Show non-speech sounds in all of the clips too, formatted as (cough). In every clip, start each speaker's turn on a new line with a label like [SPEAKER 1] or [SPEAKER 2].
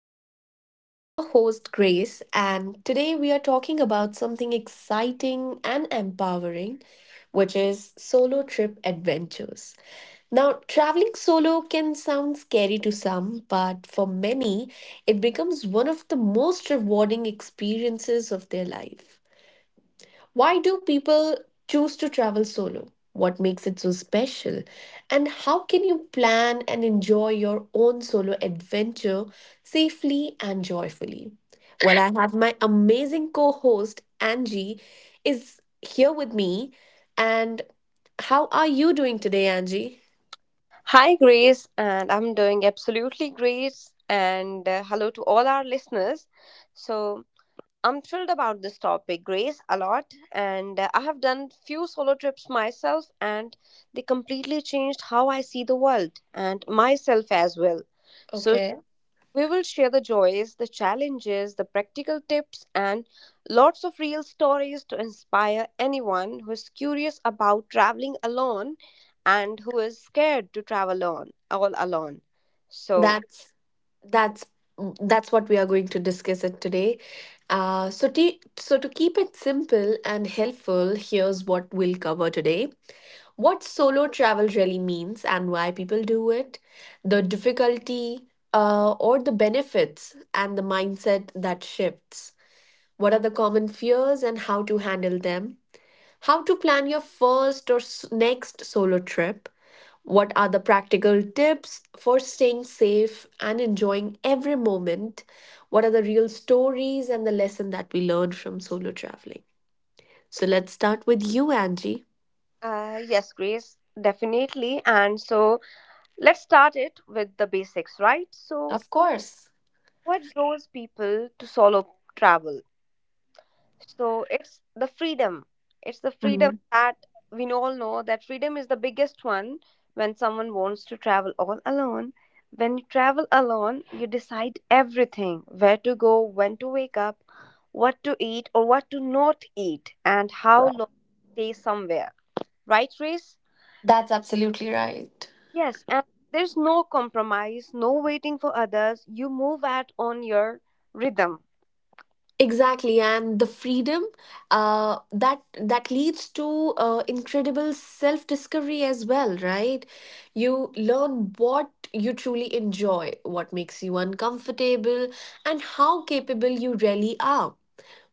[SPEAKER 1] podcast. I'm your host, Grace, and today we are talking about something exciting and empowering, which is solo trip adventures. Now, traveling solo can sound scary to some, but for many, it becomes one of the most rewarding experiences of their life. Why do people choose to travel solo? What makes it so special? And how can you plan and enjoy your own solo adventure safely and joyfully? Well, I have my amazing co host, Angie, is here with me. And how are you doing today, Angie?
[SPEAKER 2] Hi, Grace, and I'm doing absolutely great. And Hello to all our listeners. So I'm thrilled about this topic, Grace, a lot. And I have done few solo trips myself, and they completely changed how I see the world and myself as well. So
[SPEAKER 1] Okay.
[SPEAKER 2] we will share the joys, the challenges, the practical tips, and lots of real stories to inspire anyone who is curious about traveling alone and who is scared to travel alone, all alone. So,
[SPEAKER 1] That's that's that's what we are going to discuss it today. So to keep it simple and helpful, here's what we'll cover today: what solo travel really means and why people do it, the difficulty or the benefits, and the mindset that shifts. What are the common fears and how to handle them? How to plan your first or next solo trip, what are the practical tips for staying safe and enjoying every moment, what are the real stories and the lesson that we learned from solo traveling. So let's start with you, Angie.
[SPEAKER 2] yes, Grace, definitely. And so, let's start it with the basics, right? So,
[SPEAKER 1] Of course.
[SPEAKER 2] what draws people to solo travel? So it's the freedom. It's the freedom
[SPEAKER 1] Mhm.
[SPEAKER 2] that We all know that freedom is the biggest one when someone wants to travel all alone. When you travel alone, you decide everything: where to go, when to wake up, what to eat or what to not eat, and how long to stay somewhere. Right, Reese?
[SPEAKER 1] That's absolutely right.
[SPEAKER 2] Yes, and there's no compromise, no waiting for others. You move at on your rhythm.
[SPEAKER 1] Exactly, and the freedom that leads to incredible self-discovery as well, right? You learn what you truly enjoy, what makes you uncomfortable, and how capable you really are.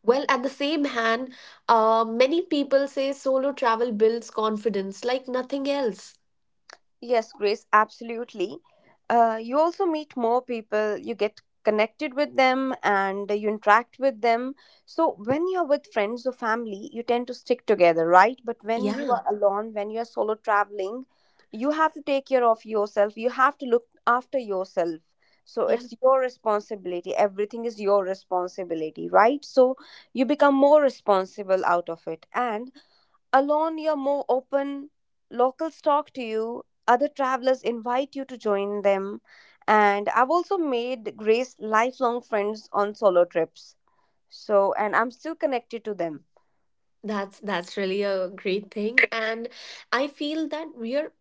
[SPEAKER 1] Well, at the same hand, many people say solo travel builds confidence like nothing else.
[SPEAKER 2] Yes, Grace, absolutely. You also meet more people, you get connected with them, and you interact with them. So, when you're with friends or family, you tend to stick together, right? But when you
[SPEAKER 1] Yeah,
[SPEAKER 2] are alone, when you're solo traveling, you have to take care of yourself, you have to look after yourself. So,
[SPEAKER 1] yeah.
[SPEAKER 2] it's your responsibility. Everything is your responsibility, right? So, you become more responsible out of it. And alone, you're more open. Locals talk to you. Other travelers invite you to join them. And I've also made, Grace, lifelong friends on solo trips. So, and I'm still connected to them.
[SPEAKER 1] That's really a great thing. And I feel that we're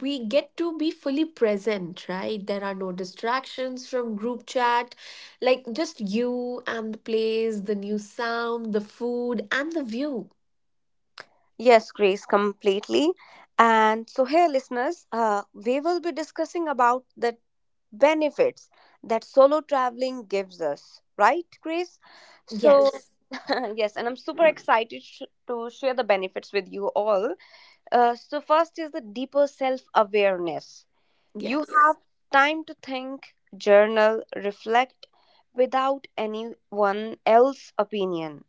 [SPEAKER 1] we get to be fully present, right? There are no distractions from group chat, like just you and the place, the new sound, the food, and the view.
[SPEAKER 2] Yes, Grace, completely. And so, here, listeners, we will be discussing about the benefits that solo traveling gives us, right, Grace? So,
[SPEAKER 1] Yes.
[SPEAKER 2] (laughs) yes, and I'm super excited sh- to share the benefits with you all. So first is the deeper self awareness. You have
[SPEAKER 1] Yes.
[SPEAKER 2] time to think, journal, reflect without anyone else's opinion.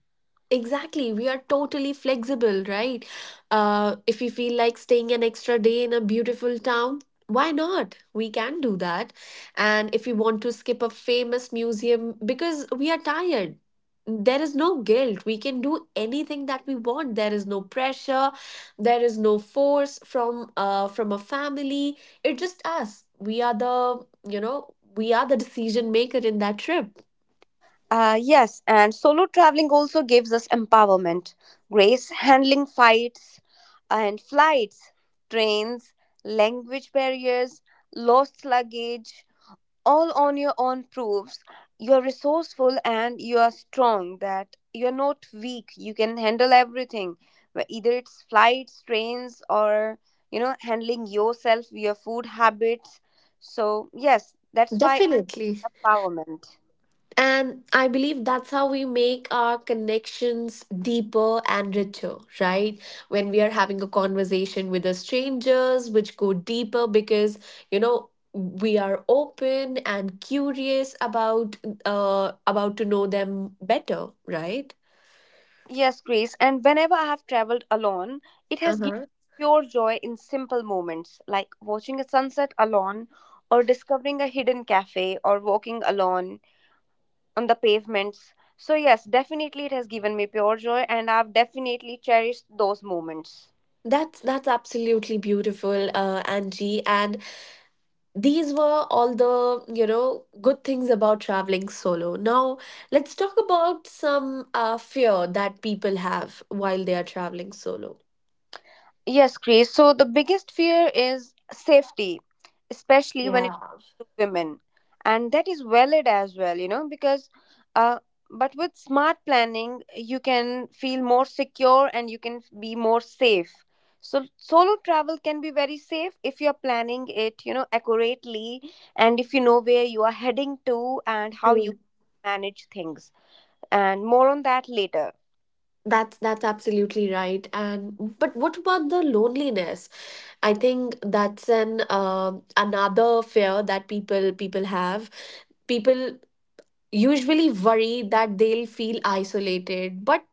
[SPEAKER 1] Exactly, we are totally flexible, right? If we feel like staying an extra day in a beautiful town, why not? We can do that. And if we want to skip a famous museum because we are tired, there is no guilt. We can do anything that we want. There is no pressure. There is no force from a family. It's just us. We are the decision maker in that trip.
[SPEAKER 2] Yes, and solo traveling also gives us empowerment. Grace, handling fights and flights, trains, language barriers, lost luggage, all on your own proves you are resourceful and you are strong, that you're not weak. You can handle everything, either it's flights, trains, or you know, handling yourself, your food habits. So, yes, that's why
[SPEAKER 1] Definitely.
[SPEAKER 2] empowerment.
[SPEAKER 1] And I believe that's how we make our connections deeper and richer, right? When we are having a conversation with the strangers, which go deeper because, you know, we are open and curious about to know them better, right?
[SPEAKER 2] Yes, Grace, and whenever I have traveled alone, it has given
[SPEAKER 1] Uh-huh.
[SPEAKER 2] pure joy in simple moments like watching a sunset alone, or discovering a hidden cafe, or walking alone on the pavements. So, yes, definitely it has given me pure joy, and I've definitely cherished those moments.
[SPEAKER 1] That's absolutely beautiful, Angie. And these were all the good things about traveling solo. Now let's talk about some fear that people have while they are traveling solo.
[SPEAKER 2] Yes, Grace. So the biggest fear is safety, especially when
[SPEAKER 1] Yeah.
[SPEAKER 2] it comes to women. And that is valid as well, you know, uh, but with smart planning, you can feel more secure and you can be more safe. So solo travel can be very safe if you're planning it, you know, accurately, and if you know where you are heading to and how
[SPEAKER 1] Mm.
[SPEAKER 2] you manage things. And more on that later.
[SPEAKER 1] That's absolutely right. And but what about the loneliness? I think that's an another fear that people have. People usually worry that they'll feel isolated, but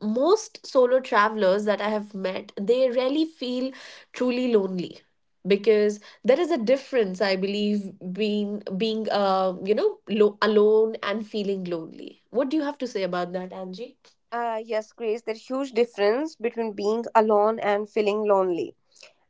[SPEAKER 1] most solo travelers that I have met, they rarely feel truly lonely, because there is a difference, I believe, being alone and feeling lonely. What do you have to say about that, Angie?
[SPEAKER 2] Yes, Grace, there's huge difference between being alone and feeling lonely,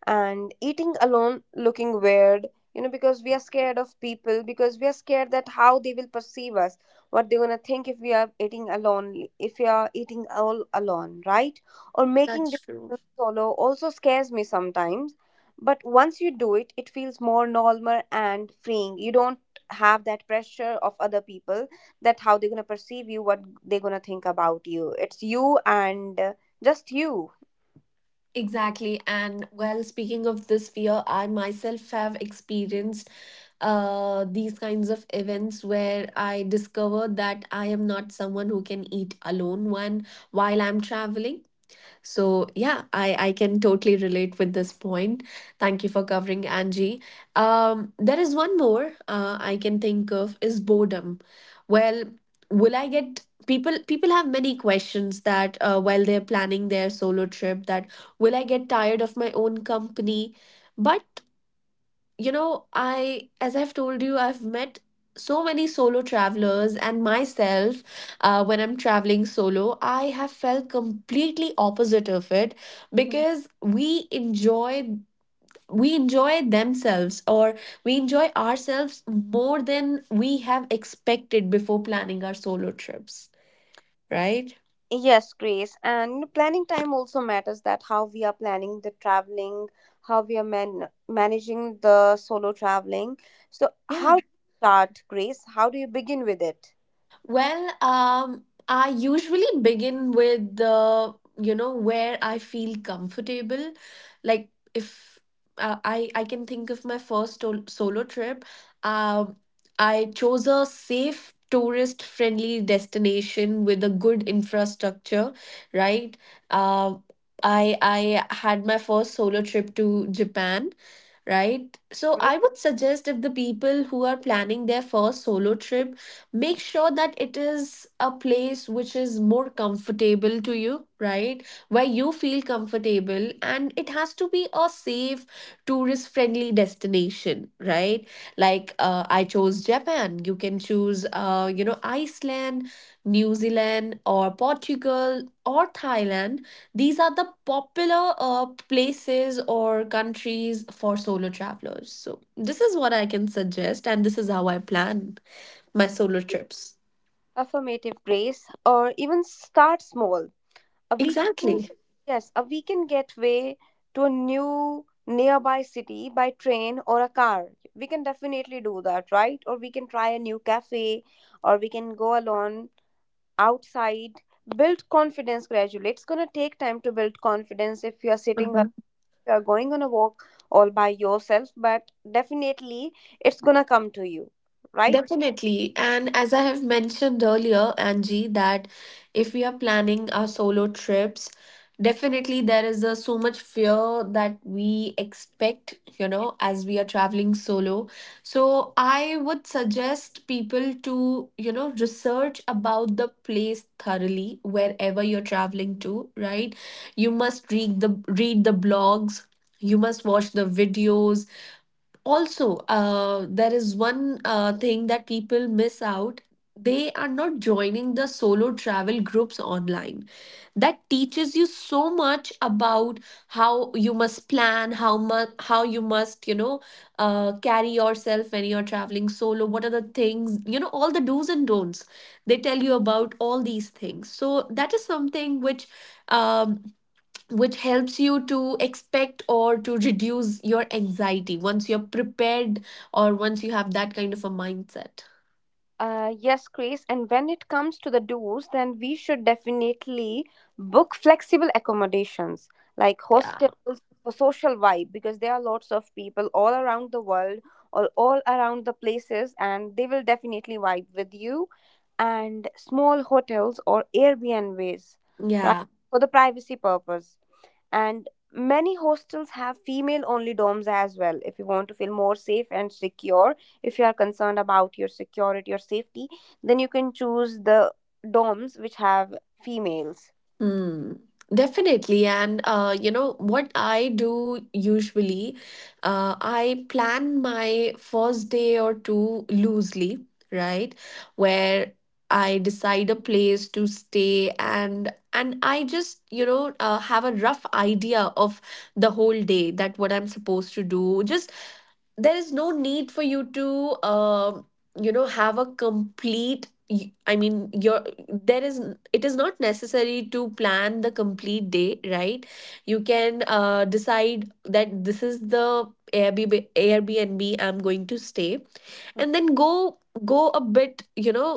[SPEAKER 2] and eating alone looking weird, you know, because we are scared of people, because we are scared that how they will perceive us, what they're gonna think if we are eating alone, if we are eating all alone, right, or making
[SPEAKER 1] That's true.
[SPEAKER 2] decisions solo also scares me sometimes. But once you do it, it feels more normal and freeing. You don't have that pressure of other people, that how they're gonna perceive you, what they're gonna think about you. It's you and uh, just you.
[SPEAKER 1] Exactly. And well, speaking of this fear, I myself have experienced these kinds of events where I discover that I am not someone who can eat alone when while I'm traveling. So yeah, I can totally relate with this point. Thank you for covering, Angie. There is one more I can think of is boredom. Well, will I get people? People have many questions that while they're planning their solo trip, that will I get tired of my own company? But as I've told you, I've met so many solo travelers, and myself when I'm traveling solo. I have felt completely opposite of it, because we enjoy. We enjoy themselves or we enjoy ourselves more than we have expected before planning our solo trips, right?
[SPEAKER 2] Yes, Grace. And planning time also matters, that how we are planning the traveling, how we are man- managing the solo traveling. So,
[SPEAKER 1] Yeah.
[SPEAKER 2] how do you start, Grace? How do you begin with it?
[SPEAKER 1] Well, I usually begin with where I feel comfortable. Like if I can think of my first solo trip, um, I chose a safe tourist-friendly destination with a good infrastructure, right? Um, I had my first solo trip to Japan. Right. So
[SPEAKER 2] Great.
[SPEAKER 1] I would suggest, if the people who are planning their first solo trip, make sure that it is a place which is more comfortable to you, right? Where you feel comfortable, and it has to be a safe tourist friendly destination, right? Like I chose Japan. You can choose, Iceland, New Zealand, or Portugal, or Thailand. These are the popular places or countries for solo travelers. So this is what I can suggest, and this is how I plan my solo trips.
[SPEAKER 2] Affirmative, Grace. Or even start small. A weekend,
[SPEAKER 1] Exactly.
[SPEAKER 2] yes, a weekend getaway to a new nearby city by train or a car. We can definitely do that, right? Or we can try a new cafe, or we can go alone outside. Build confidence gradually. It's going to take time to build confidence if you are sitting or
[SPEAKER 1] Uh
[SPEAKER 2] you are going on a walk all by yourself, but definitely it's going to come to you, right?
[SPEAKER 1] Definitely. And as I have mentioned earlier, Angie, that if we are planning our solo trips, definitely there is so much fear that we expect, as we are traveling solo. So I would suggest people to, research about the place thoroughly wherever you're traveling to, right? You must read the blogs. You must watch the videos. Also, there is one thing that people miss out: they are not joining the solo travel groups online that teaches you so much about how you must plan, how much, how you must carry yourself when you're traveling solo, what are the things, all the do's and don'ts. They tell you about all these things. So that is something um, which helps you to expect or to reduce your anxiety once you're prepared, or once you have that kind of a mindset.
[SPEAKER 2] Yes, Chris. And when it comes to the do's, then we should definitely book flexible accommodations like
[SPEAKER 1] Yeah.
[SPEAKER 2] hostels for social vibe, because there are lots of people all around the world or all around the places, and they will definitely vibe with you. And small hotels or Airbnbs, right,
[SPEAKER 1] Yeah.
[SPEAKER 2] for the privacy purpose. And many hostels have female only dorms as well. If you want to feel more safe and secure, if you are concerned about your security or safety, then you can choose the doms which have females.
[SPEAKER 1] Hmm. Definitely. And you know what I do usually, I plan my first day or two loosely, right? Where I decide a place to stay, and I just, have a rough idea of the whole day that what I'm supposed to do. Just there is no need for you to have a complete y- I mean your there is it is not necessary to plan the complete day, right. You can decide that this is the Airbnb I'm going to stay, and
[SPEAKER 2] Mm.
[SPEAKER 1] then go a bit, you know,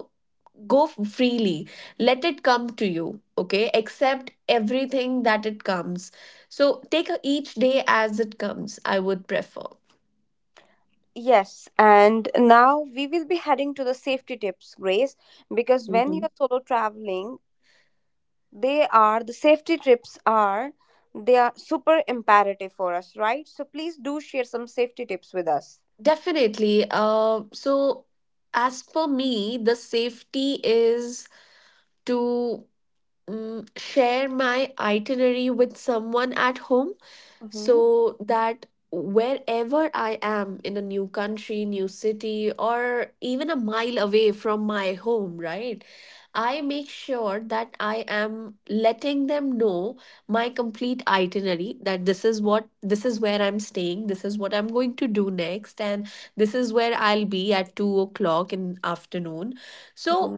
[SPEAKER 1] go freely. Let it come to you. Okay, accept everything that it comes. So take each day as it comes. I would prefer.
[SPEAKER 2] Yes, and now we will be heading to the safety tips, Grace, because when
[SPEAKER 1] Mhm.
[SPEAKER 2] you're solo traveling, they are the safety tips are they are super imperative for us, right? So please do share some safety tips with us.
[SPEAKER 1] Definitely. So, as per me, the safety is to share my itinerary with someone at home,
[SPEAKER 2] Mm-hmm.
[SPEAKER 1] so that wherever I am in a new country, new city, or even a mile away from my home, right? I make sure that I am letting them know my complete itinerary, that this is where I'm staying, this is what I'm going to do next, and this is where I'll be at 2 o'clock in afternoon.
[SPEAKER 2] Mm-hmm.
[SPEAKER 1] So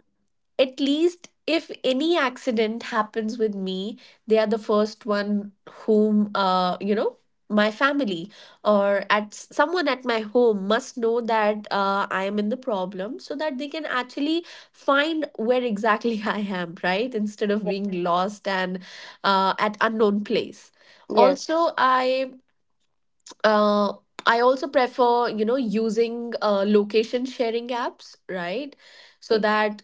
[SPEAKER 1] at least if any accident happens with me, they are the first one whom, my family, or someone at my home, must know that I am in the problem, so that they can actually find where exactly (laughs) I am, right? Instead of being lost and at unknown place.
[SPEAKER 2] Yes.
[SPEAKER 1] Also uh, I also prefer, you know, using location sharing apps, right? So that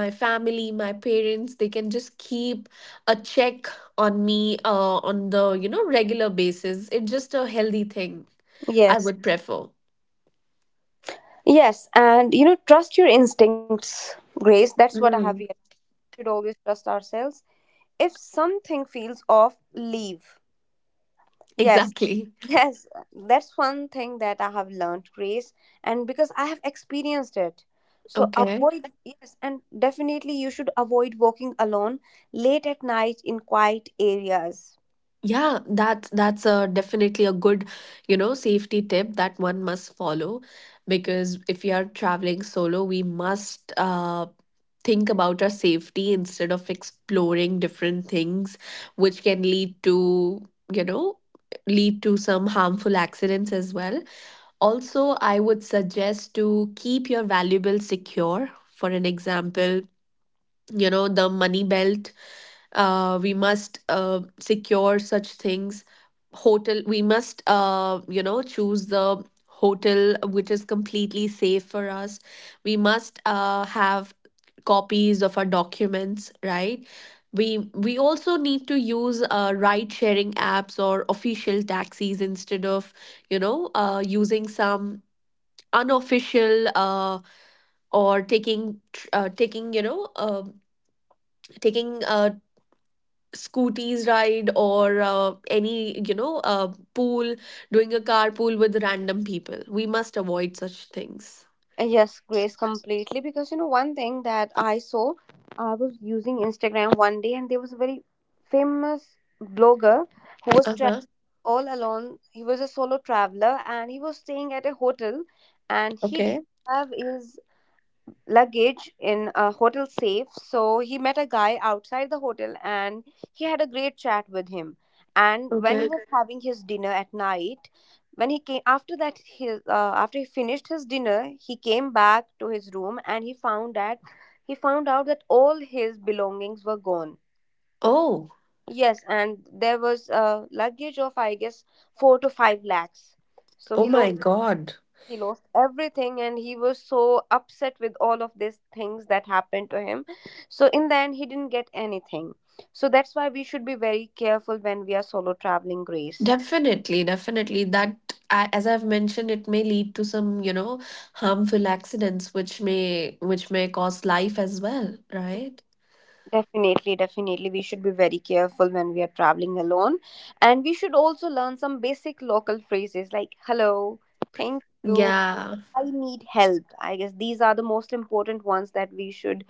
[SPEAKER 1] my family, my parents, they can just keep a check on me, on the regular basis. It's just a healthy thing I
[SPEAKER 2] Yes.
[SPEAKER 1] would prefer.
[SPEAKER 2] Yes, and you know, trust your instincts, Grace. That's what I have realized.
[SPEAKER 1] Mm,
[SPEAKER 2] We should always trust ourselves. If something feels off, leave. Yes,
[SPEAKER 1] exactly.
[SPEAKER 2] yes, that's one thing that I have learned, Grace, and because I have experienced it. So
[SPEAKER 1] Okay.
[SPEAKER 2] avoid, yes, and definitely you should avoid walking alone late at night in quiet areas.
[SPEAKER 1] Yeah, that's a definitely a good safety tip that one must follow. Because if you are traveling solo we must think about our safety instead of exploring different things which can lead to some harmful accidents as well. Also I would suggest to keep your valuables secure. For an example, you know, the money belt, we must secure such things. Hotel, we must choose the hotel which is completely safe for us. We must have copies of our documents, right? We also need to use ride sharing apps or official taxis instead of using some unofficial or taking scooties ride, or any pool, doing a carpool with random people. We must avoid such things.
[SPEAKER 2] Yes, Grace, completely. Because you know, one thing that I saw, I was using Instagram one day, and there was a very famous blogger who was traveling
[SPEAKER 1] Uh-huh.
[SPEAKER 2] all alone. He was a solo traveler, and he was staying at a hotel, and he didn't
[SPEAKER 1] Okay.
[SPEAKER 2] have his luggage in a hotel safe. So he met a guy outside the hotel and he had a great chat with him. And when he
[SPEAKER 1] Okay.
[SPEAKER 2] was Mhm. having his dinner at night, when he came after that, his after he finished his dinner, he came back to his room and he found out that all his belongings were gone.
[SPEAKER 1] Oh.
[SPEAKER 2] Yes, and there was a luggage of I guess four to five lakhs. So
[SPEAKER 1] Oh my god.
[SPEAKER 2] he lost everything, and he was so upset with all of these things that happened to him. So in the end, he didn't get anything. So that's why we should be very careful when we are solo traveling, Grace.
[SPEAKER 1] Definitely, definitely, as I've mentioned, it may lead to some, you know, harmful accidents which may cause life as well, right?
[SPEAKER 2] Definitely, definitely we should be very careful when we are traveling alone. And we should also learn some basic local phrases like hello, thank you,
[SPEAKER 1] Yeah.
[SPEAKER 2] I need help. I guess these are the most important ones that we should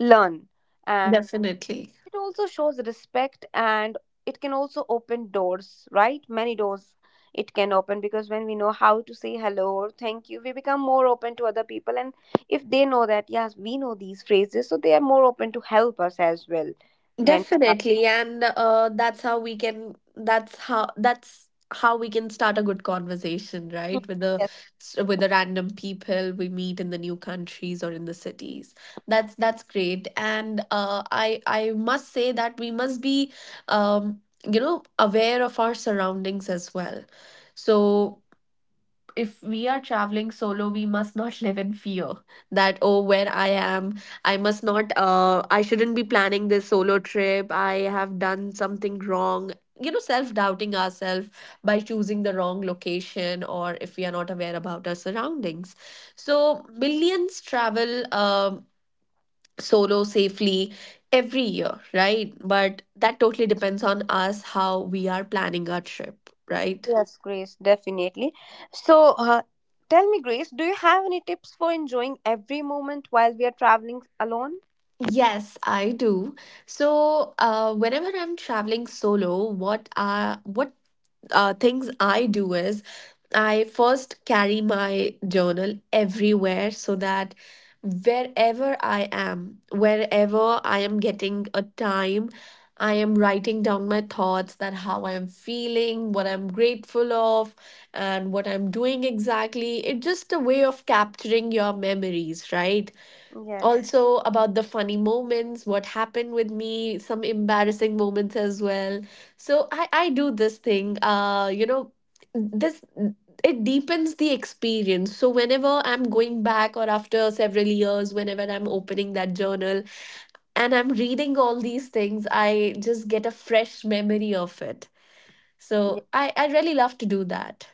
[SPEAKER 2] learn. And
[SPEAKER 1] Definitely.
[SPEAKER 2] it also shows respect, and it can also open doors, right? Many doors it can open, because when we know how to say hello or thank you, we become more open to other people. And if they know that, yes, we know these phrases, so they are more open to help us as well. When
[SPEAKER 1] Definitely, and that's how we can. That's how. That's how we can start a good conversation,
[SPEAKER 2] Mhm.
[SPEAKER 1] right? With the
[SPEAKER 2] yes,
[SPEAKER 1] s- with the random people we meet in the new countries or in the cities. That's great, and I must say that we must be, um, aware of our surroundings as well. So if we are traveling solo, we must not (laughs) live in fear that, oh, where I am, I must not I shouldn't be planning this solo trip, I have done something wrong, self doubting ourselves by choosing the wrong location or if we are not aware about our surroundings. So millions travel solo safely every year, right? But that totally depends on us how we are planning our trip, right?
[SPEAKER 2] yes, Grace, definitely. So, tell me, Grace, do you have any tips for enjoying every moment while we are traveling alone?
[SPEAKER 1] Yes, I do. So, whenever I'm traveling solo, what things I do is I first carry my journal everywhere so that wherever I am getting a time, I am writing down my thoughts, that how I'm feeling, what I'm grateful of, and what I'm doing exactly. It's just a way of capturing your memories, right?
[SPEAKER 2] Yes,
[SPEAKER 1] Also about the funny moments, what happened with me, some embarrassing moments as well. So I do this thing, this, it deepens the experience. So whenever I'm going back or after several years, whenever I'm opening that journal and I'm reading all these things, I just get a fresh memory of it. So
[SPEAKER 2] yes,
[SPEAKER 1] I really love to do that.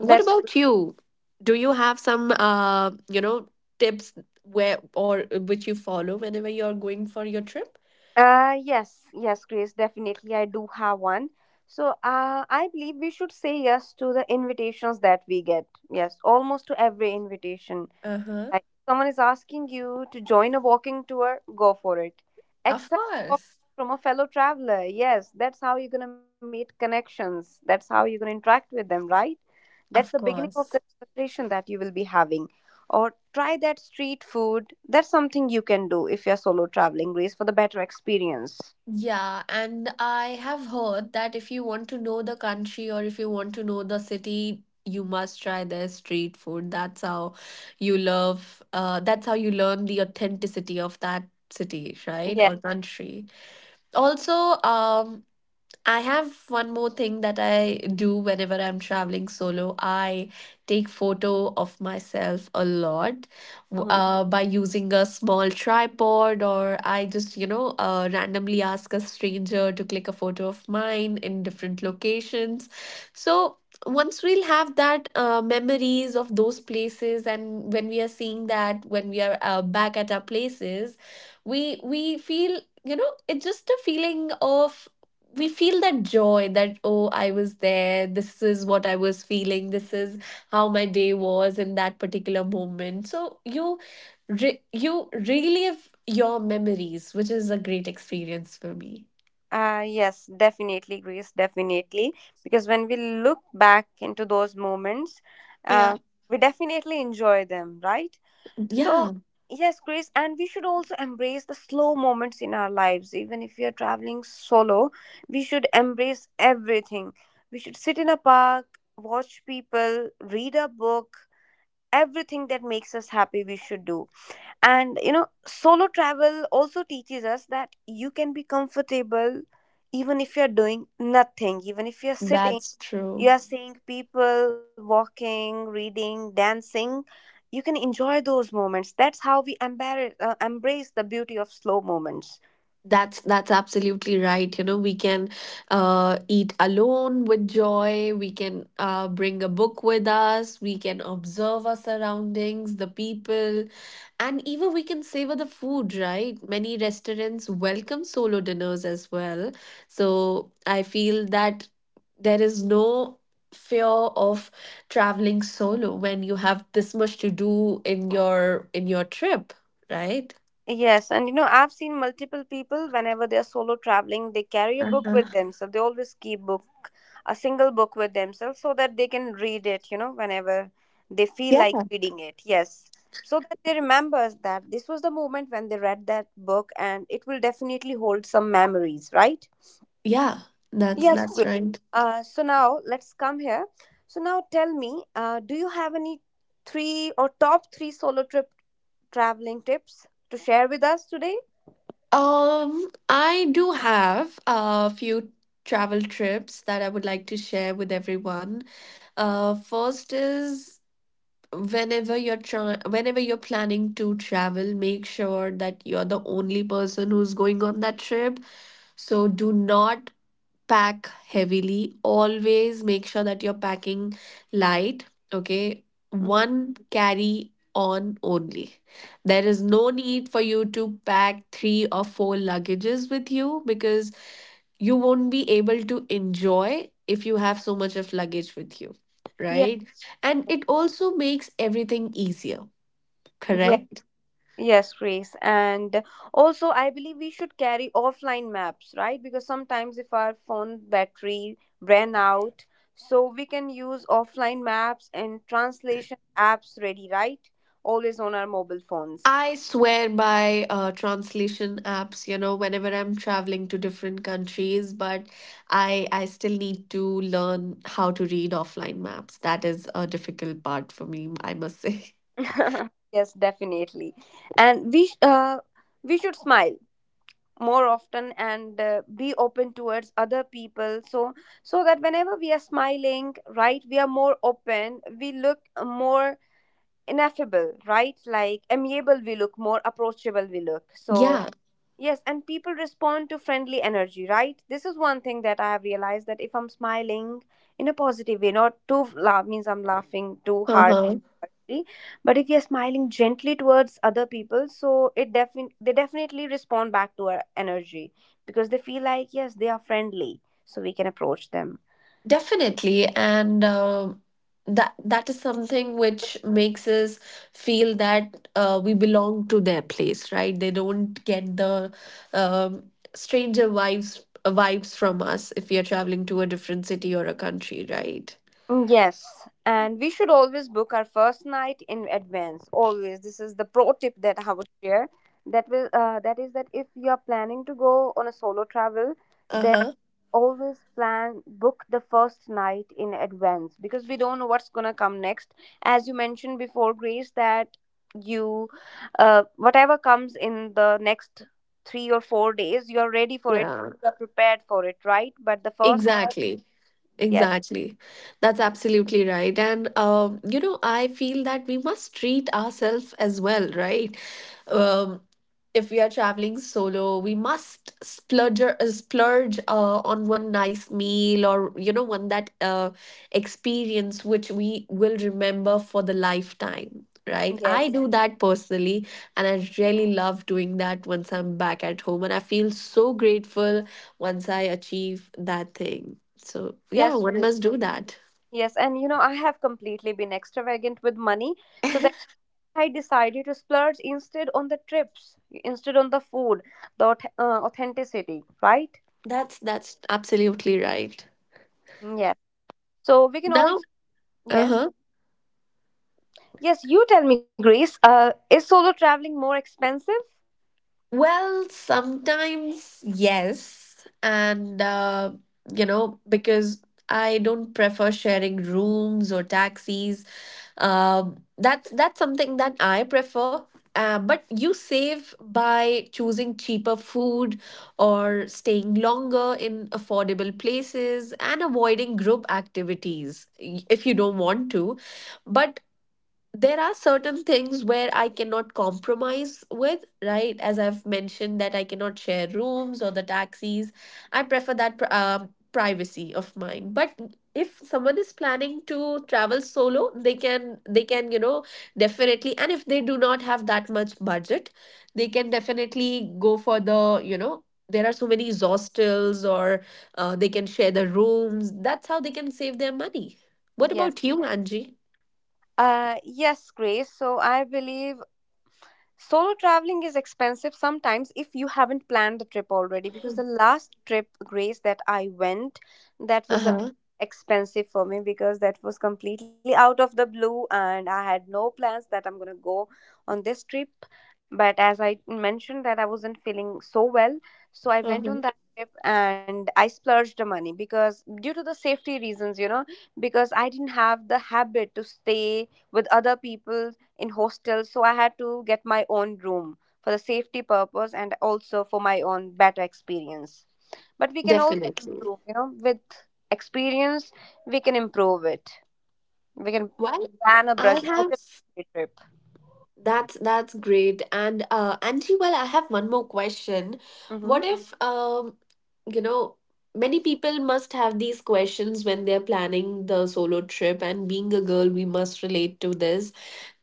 [SPEAKER 1] What about you? Do you have some tips where or which you follow whenever you're going for your trip?
[SPEAKER 2] yes, yes, Grace, definitely. I do have one. So, I believe we should say yes to the invitations that we get. Yes, almost to every invitation.
[SPEAKER 1] Uh-huh.
[SPEAKER 2] Like, if someone is asking you to join a walking tour, go for it.
[SPEAKER 1] Of
[SPEAKER 2] Accept help
[SPEAKER 1] course.
[SPEAKER 2] from a fellow traveler. Yes, that's how you're going to meet connections. That's how you're going to interact with them, right? That's the
[SPEAKER 1] Of
[SPEAKER 2] beginning of the
[SPEAKER 1] course.
[SPEAKER 2] conversation that you will be having. Or try that street food. That's something you can do if you're solo traveling, Grace, for the better experience.
[SPEAKER 1] Yeah, and I have heard that if you want to know the country or if you want to know the city, you must try their street food. That's how you love, that's how you learn the authenticity of that city, right?
[SPEAKER 2] Yes.
[SPEAKER 1] Or country. Also, um, I have one more thing that I do whenever I'm traveling solo. I take photo of myself a lot
[SPEAKER 2] Mhm.
[SPEAKER 1] by using a small tripod or I just, randomly ask a stranger to click a photo of mine in different locations. So once we'll have that memories of those places, and when we are seeing that, when we are back at our places, we feel, it's just a feeling of, we feel that joy that, oh, I was there, this is what I was feeling, this is how my day was in that particular moment. So you you relive your memories, which is a great experience for me.
[SPEAKER 2] Yes, definitely, Grace, definitely. Because when we look back into those moments, uh,
[SPEAKER 1] Yeah.
[SPEAKER 2] we definitely enjoy them, right? So,
[SPEAKER 1] Yeah,
[SPEAKER 2] yes, Grace, and we should also embrace the slow moments in our lives. Even if we are traveling solo, we should embrace everything. We should sit in a park, watch people, read a book, everything that makes us happy, we should do. And you know, solo travel also teaches us that you can be comfortable even if you're doing nothing, even if you're sitting,
[SPEAKER 1] that's
[SPEAKER 2] you
[SPEAKER 1] true.
[SPEAKER 2] are seeing people walking, reading, dancing. You can enjoy those moments. That's how we embrace the beauty of slow moments.
[SPEAKER 1] That's absolutely right. You know, we can eat alone with joy. We can bring a book with us. We can observe our surroundings, the people, and even we can savor the food. Right? Many restaurants welcome solo dinners as well. So I feel that there is no fear of traveling solo when you have this much to do in your trip. Right?
[SPEAKER 2] Yes, and you know, I've seen multiple people whenever they're solo traveling, they carry a book
[SPEAKER 1] Uh-huh.
[SPEAKER 2] with themselves. They always keep book, a single book with themselves so that they can read it, you know, whenever they feel like reading it. Yes. So that they remember that this was the moment when they read that book, and it will definitely hold some memories, right?
[SPEAKER 1] Yeah,
[SPEAKER 2] Yes,
[SPEAKER 1] that's
[SPEAKER 2] great.
[SPEAKER 1] right.
[SPEAKER 2] So now let's come here. So now tell me, do you have any three or top three solo trip traveling tips to share with us today?
[SPEAKER 1] I do have a few travel trips that I would like to share with everyone. First is whenever you're trying, whenever you're planning to travel, make sure that you're the only person who's going on that trip. So do not pack heavily. Always make sure that you're packing light. Okay.
[SPEAKER 2] Mhm.
[SPEAKER 1] One carry on only. There is no need for you to pack three or four luggages with you because you won't be able to enjoy if you have so much of luggage with you.
[SPEAKER 2] Yeah,
[SPEAKER 1] Right. And it also makes everything easier.
[SPEAKER 2] yeah.
[SPEAKER 1] Correct?
[SPEAKER 2] Yes, Grace. And also, I believe we should carry offline maps, right? Because sometimes if our phone battery ran out, so we can use offline maps and translation apps ready, right? Always on our mobile phones.
[SPEAKER 1] I swear by translation apps, you know, whenever I'm traveling to different countries, but I still need to learn how to read offline maps. That is a difficult part for me, I must say. (laughs)
[SPEAKER 2] (laughs) Yes, definitely. And we sh- uh, we should smile more often and be open towards other people so that whenever we are smiling, right, we are more open, we look more ineffable, right? Like amiable we look, more approachable we look. So,
[SPEAKER 1] Yeah.
[SPEAKER 2] yes, and people respond to friendly energy, right? This is one thing that I have realized, that if I'm smiling in a positive way, not too laugh, means I'm laughing too hard.
[SPEAKER 1] Uh-huh.
[SPEAKER 2] But if you're smiling gently towards other people, so it defin they definitely respond back to our energy because they feel like yes, they are friendly, so we can approach them.
[SPEAKER 1] Definitely, and that that is something which makes us feel that we belong to their place, right? They don't get the stranger vibes vibes from us if we are traveling to a different city or a country, right?
[SPEAKER 2] Mm, yes, and we should always book our first night in advance. Always, this is the pro tip that I would share. That is that if you are planning to go on a solo travel,
[SPEAKER 1] Uh
[SPEAKER 2] then
[SPEAKER 1] huh.
[SPEAKER 2] always plan, book the first night in advance, because we don't know what's gonna come next. As you mentioned before, Grace, that you whatever comes in the next 3 or 4 days, you are ready for it.
[SPEAKER 1] Yeah.
[SPEAKER 2] You are prepared for it, right? But the first night,
[SPEAKER 1] Exactly.
[SPEAKER 2] yes,
[SPEAKER 1] Exactly. That's absolutely right. And, you know, I feel that we must treat ourselves as well, right? Um, if we are traveling solo, we must splurge, splurge on one nice meal or, you know, one that experience which we will remember for the lifetime, right? I
[SPEAKER 2] yes,
[SPEAKER 1] do that personally, and I really love doing that once I'm back at home. And I feel so grateful once I achieve that thing. So yeah,
[SPEAKER 2] yes.
[SPEAKER 1] one must do that.
[SPEAKER 2] Yes, and you know, I have completely been extravagant with money. So then
[SPEAKER 1] (laughs)
[SPEAKER 2] I decided to splurge instead on the trips, instead on the food, the authenticity, right?
[SPEAKER 1] That's absolutely right.
[SPEAKER 2] Yes. So we can
[SPEAKER 1] Now,
[SPEAKER 2] also, yes.
[SPEAKER 1] uh-huh.
[SPEAKER 2] Yes, you tell me, Grace, is solo traveling more expensive?
[SPEAKER 1] Well, sometimes yes. And, you know, because I don't prefer sharing rooms or taxis. That's something that I prefer. But you save by choosing cheaper food or staying longer in affordable places and avoiding group activities if you don't want to. But there are certain things where I cannot compromise with, right? As I've mentioned, that I cannot share rooms or the taxis. I prefer that privacy of mine. But if someone is planning to travel solo, they can you know, definitely. And if they do not have that much budget, they can definitely go for the, you know. There are so many hostels, or they can share the rooms. That's how they can save their money. What
[SPEAKER 2] Yes.
[SPEAKER 1] about you, Angie?
[SPEAKER 2] Yes, Grace. So I believe solo traveling is expensive sometimes if you haven't planned the trip already, because the last trip, Grace, that I went, that was a
[SPEAKER 1] Uh
[SPEAKER 2] bit expensive for me, because that was completely out of the blue and I had no plans that I'm gonna go on this trip. But as I mentioned, that I wasn't feeling so well, so I went
[SPEAKER 1] huh.
[SPEAKER 2] on that trip and I splurged the money because, due to the safety reasons, you know, because I didn't have the habit to stay with other people in hostels, so I had to get my own room for the safety purpose and also for my own better experience. But we can also
[SPEAKER 1] Definitely.
[SPEAKER 2] improve, you know, with experience, we can improve it. We can
[SPEAKER 1] Well,
[SPEAKER 2] plan a
[SPEAKER 1] I
[SPEAKER 2] budget
[SPEAKER 1] have
[SPEAKER 2] budget trip.
[SPEAKER 1] that's great. And Angie, well, I have one more question.
[SPEAKER 2] Mm-hmm.
[SPEAKER 1] What if you know, many people must have these questions when they're planning the solo trip, and being a girl we must relate to this.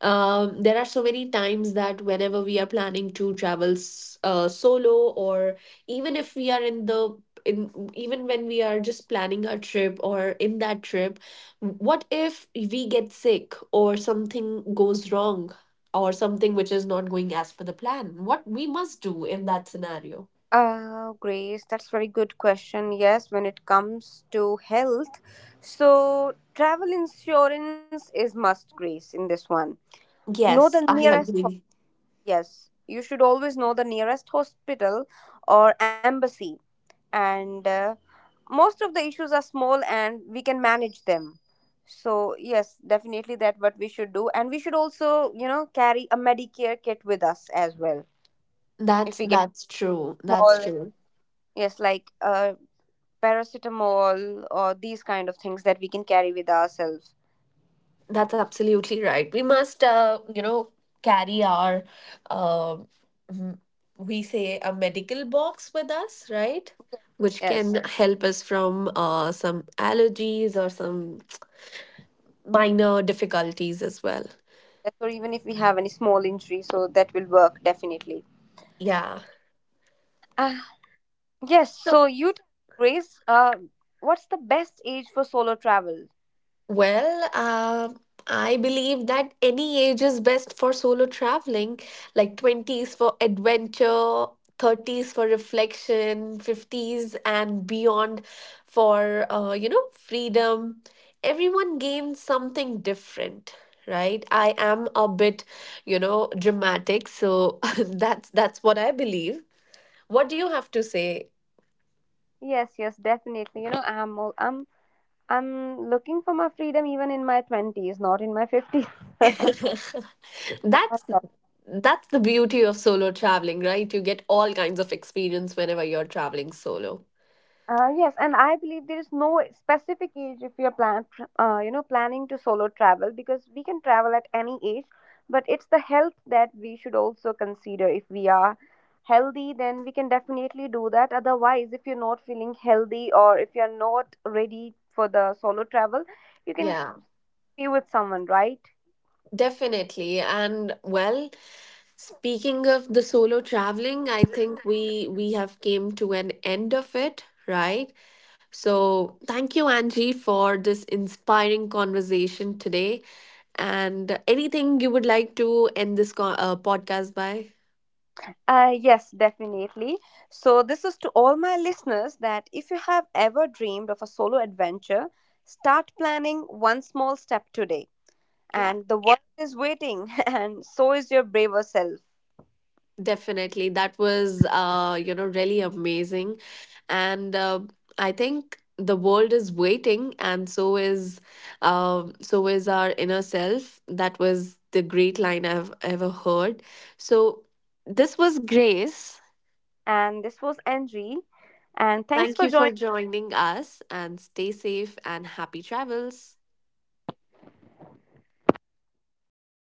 [SPEAKER 1] There are so many times that whenever we are planning to travel solo, or even if we are in the in even when we are just planning our trip or in that trip, what if we get sick or something goes wrong or something which is not going as per the plan? What we must do in that scenario?
[SPEAKER 2] Grace, that's very good question. Yes, when it comes to health, so travel insurance is must, Grace, in this one. Know the
[SPEAKER 1] Yes, I
[SPEAKER 2] nearest.
[SPEAKER 1] agree.
[SPEAKER 2] Yes, you should always know the nearest hospital or embassy, and most of the issues are small and we can manage them. So, yes, definitely that what we should do, and we should also, you know, carry a Medicare kit with us as well if we get
[SPEAKER 1] That's true. That's
[SPEAKER 2] small,
[SPEAKER 1] true.
[SPEAKER 2] yes, like paracetamol or these kind of things, that we can carry with ourselves.
[SPEAKER 1] That's absolutely right. We must, you know, carry our, uh, m- we say a medical box with us, right? Which
[SPEAKER 2] Yes,
[SPEAKER 1] can help us from some allergies or some minor difficulties as well.
[SPEAKER 2] yes, or even if we have any small injury, so that will work definitely.
[SPEAKER 1] Yeah.
[SPEAKER 2] Uh, Yes,
[SPEAKER 1] So,
[SPEAKER 2] so you tell me, Grace, what's the best age for solo travel?
[SPEAKER 1] well, I believe that any age is best for solo traveling, like 20s for adventure, 30s for reflection, 50s and beyond for, you know, freedom. Everyone gains something different. Right, I am a bit, you know, dramatic, so (laughs) that's what I believe. What do you have to say?
[SPEAKER 2] Yes, yes, definitely. You know, I'm al- I'm looking for my freedom even in my 20s, not in my 50s.
[SPEAKER 1] (laughs) that's
[SPEAKER 2] (laughs)
[SPEAKER 1] that's the beauty of solo traveling, right? You get all kinds of experience whenever you're traveling solo.
[SPEAKER 2] Yes, and I believe there is no specific age if you know, planning to solo travel, because we can travel at any age, but it's the health that we should also consider. If we are healthy, then we can definitely do that. Otherwise, if you're not feeling healthy or if you're not ready for the solo travel, you can
[SPEAKER 1] Yeah,
[SPEAKER 2] be with someone, right?
[SPEAKER 1] definitely. And well, speaking of the solo traveling, I think we have came to an end of it, right? So, thank you Angie for this inspiring conversation today. And anything you would like to end this podcast by?
[SPEAKER 2] Yes, definitely. So, this is to all my listeners, that if you have ever dreamed of a solo adventure, start planning one small step today.
[SPEAKER 1] Yeah,
[SPEAKER 2] And the world is waiting, (laughs) and so is your braver self.
[SPEAKER 1] definitely. That was, you know, really amazing. And I think the world is waiting, and so is, so is our inner self. That was the great line I've ever heard. So this was Grace.
[SPEAKER 2] And this was Angie. And thanks
[SPEAKER 1] Thank
[SPEAKER 2] for
[SPEAKER 1] you for
[SPEAKER 2] joining.
[SPEAKER 1] joining us, and stay safe and happy travels.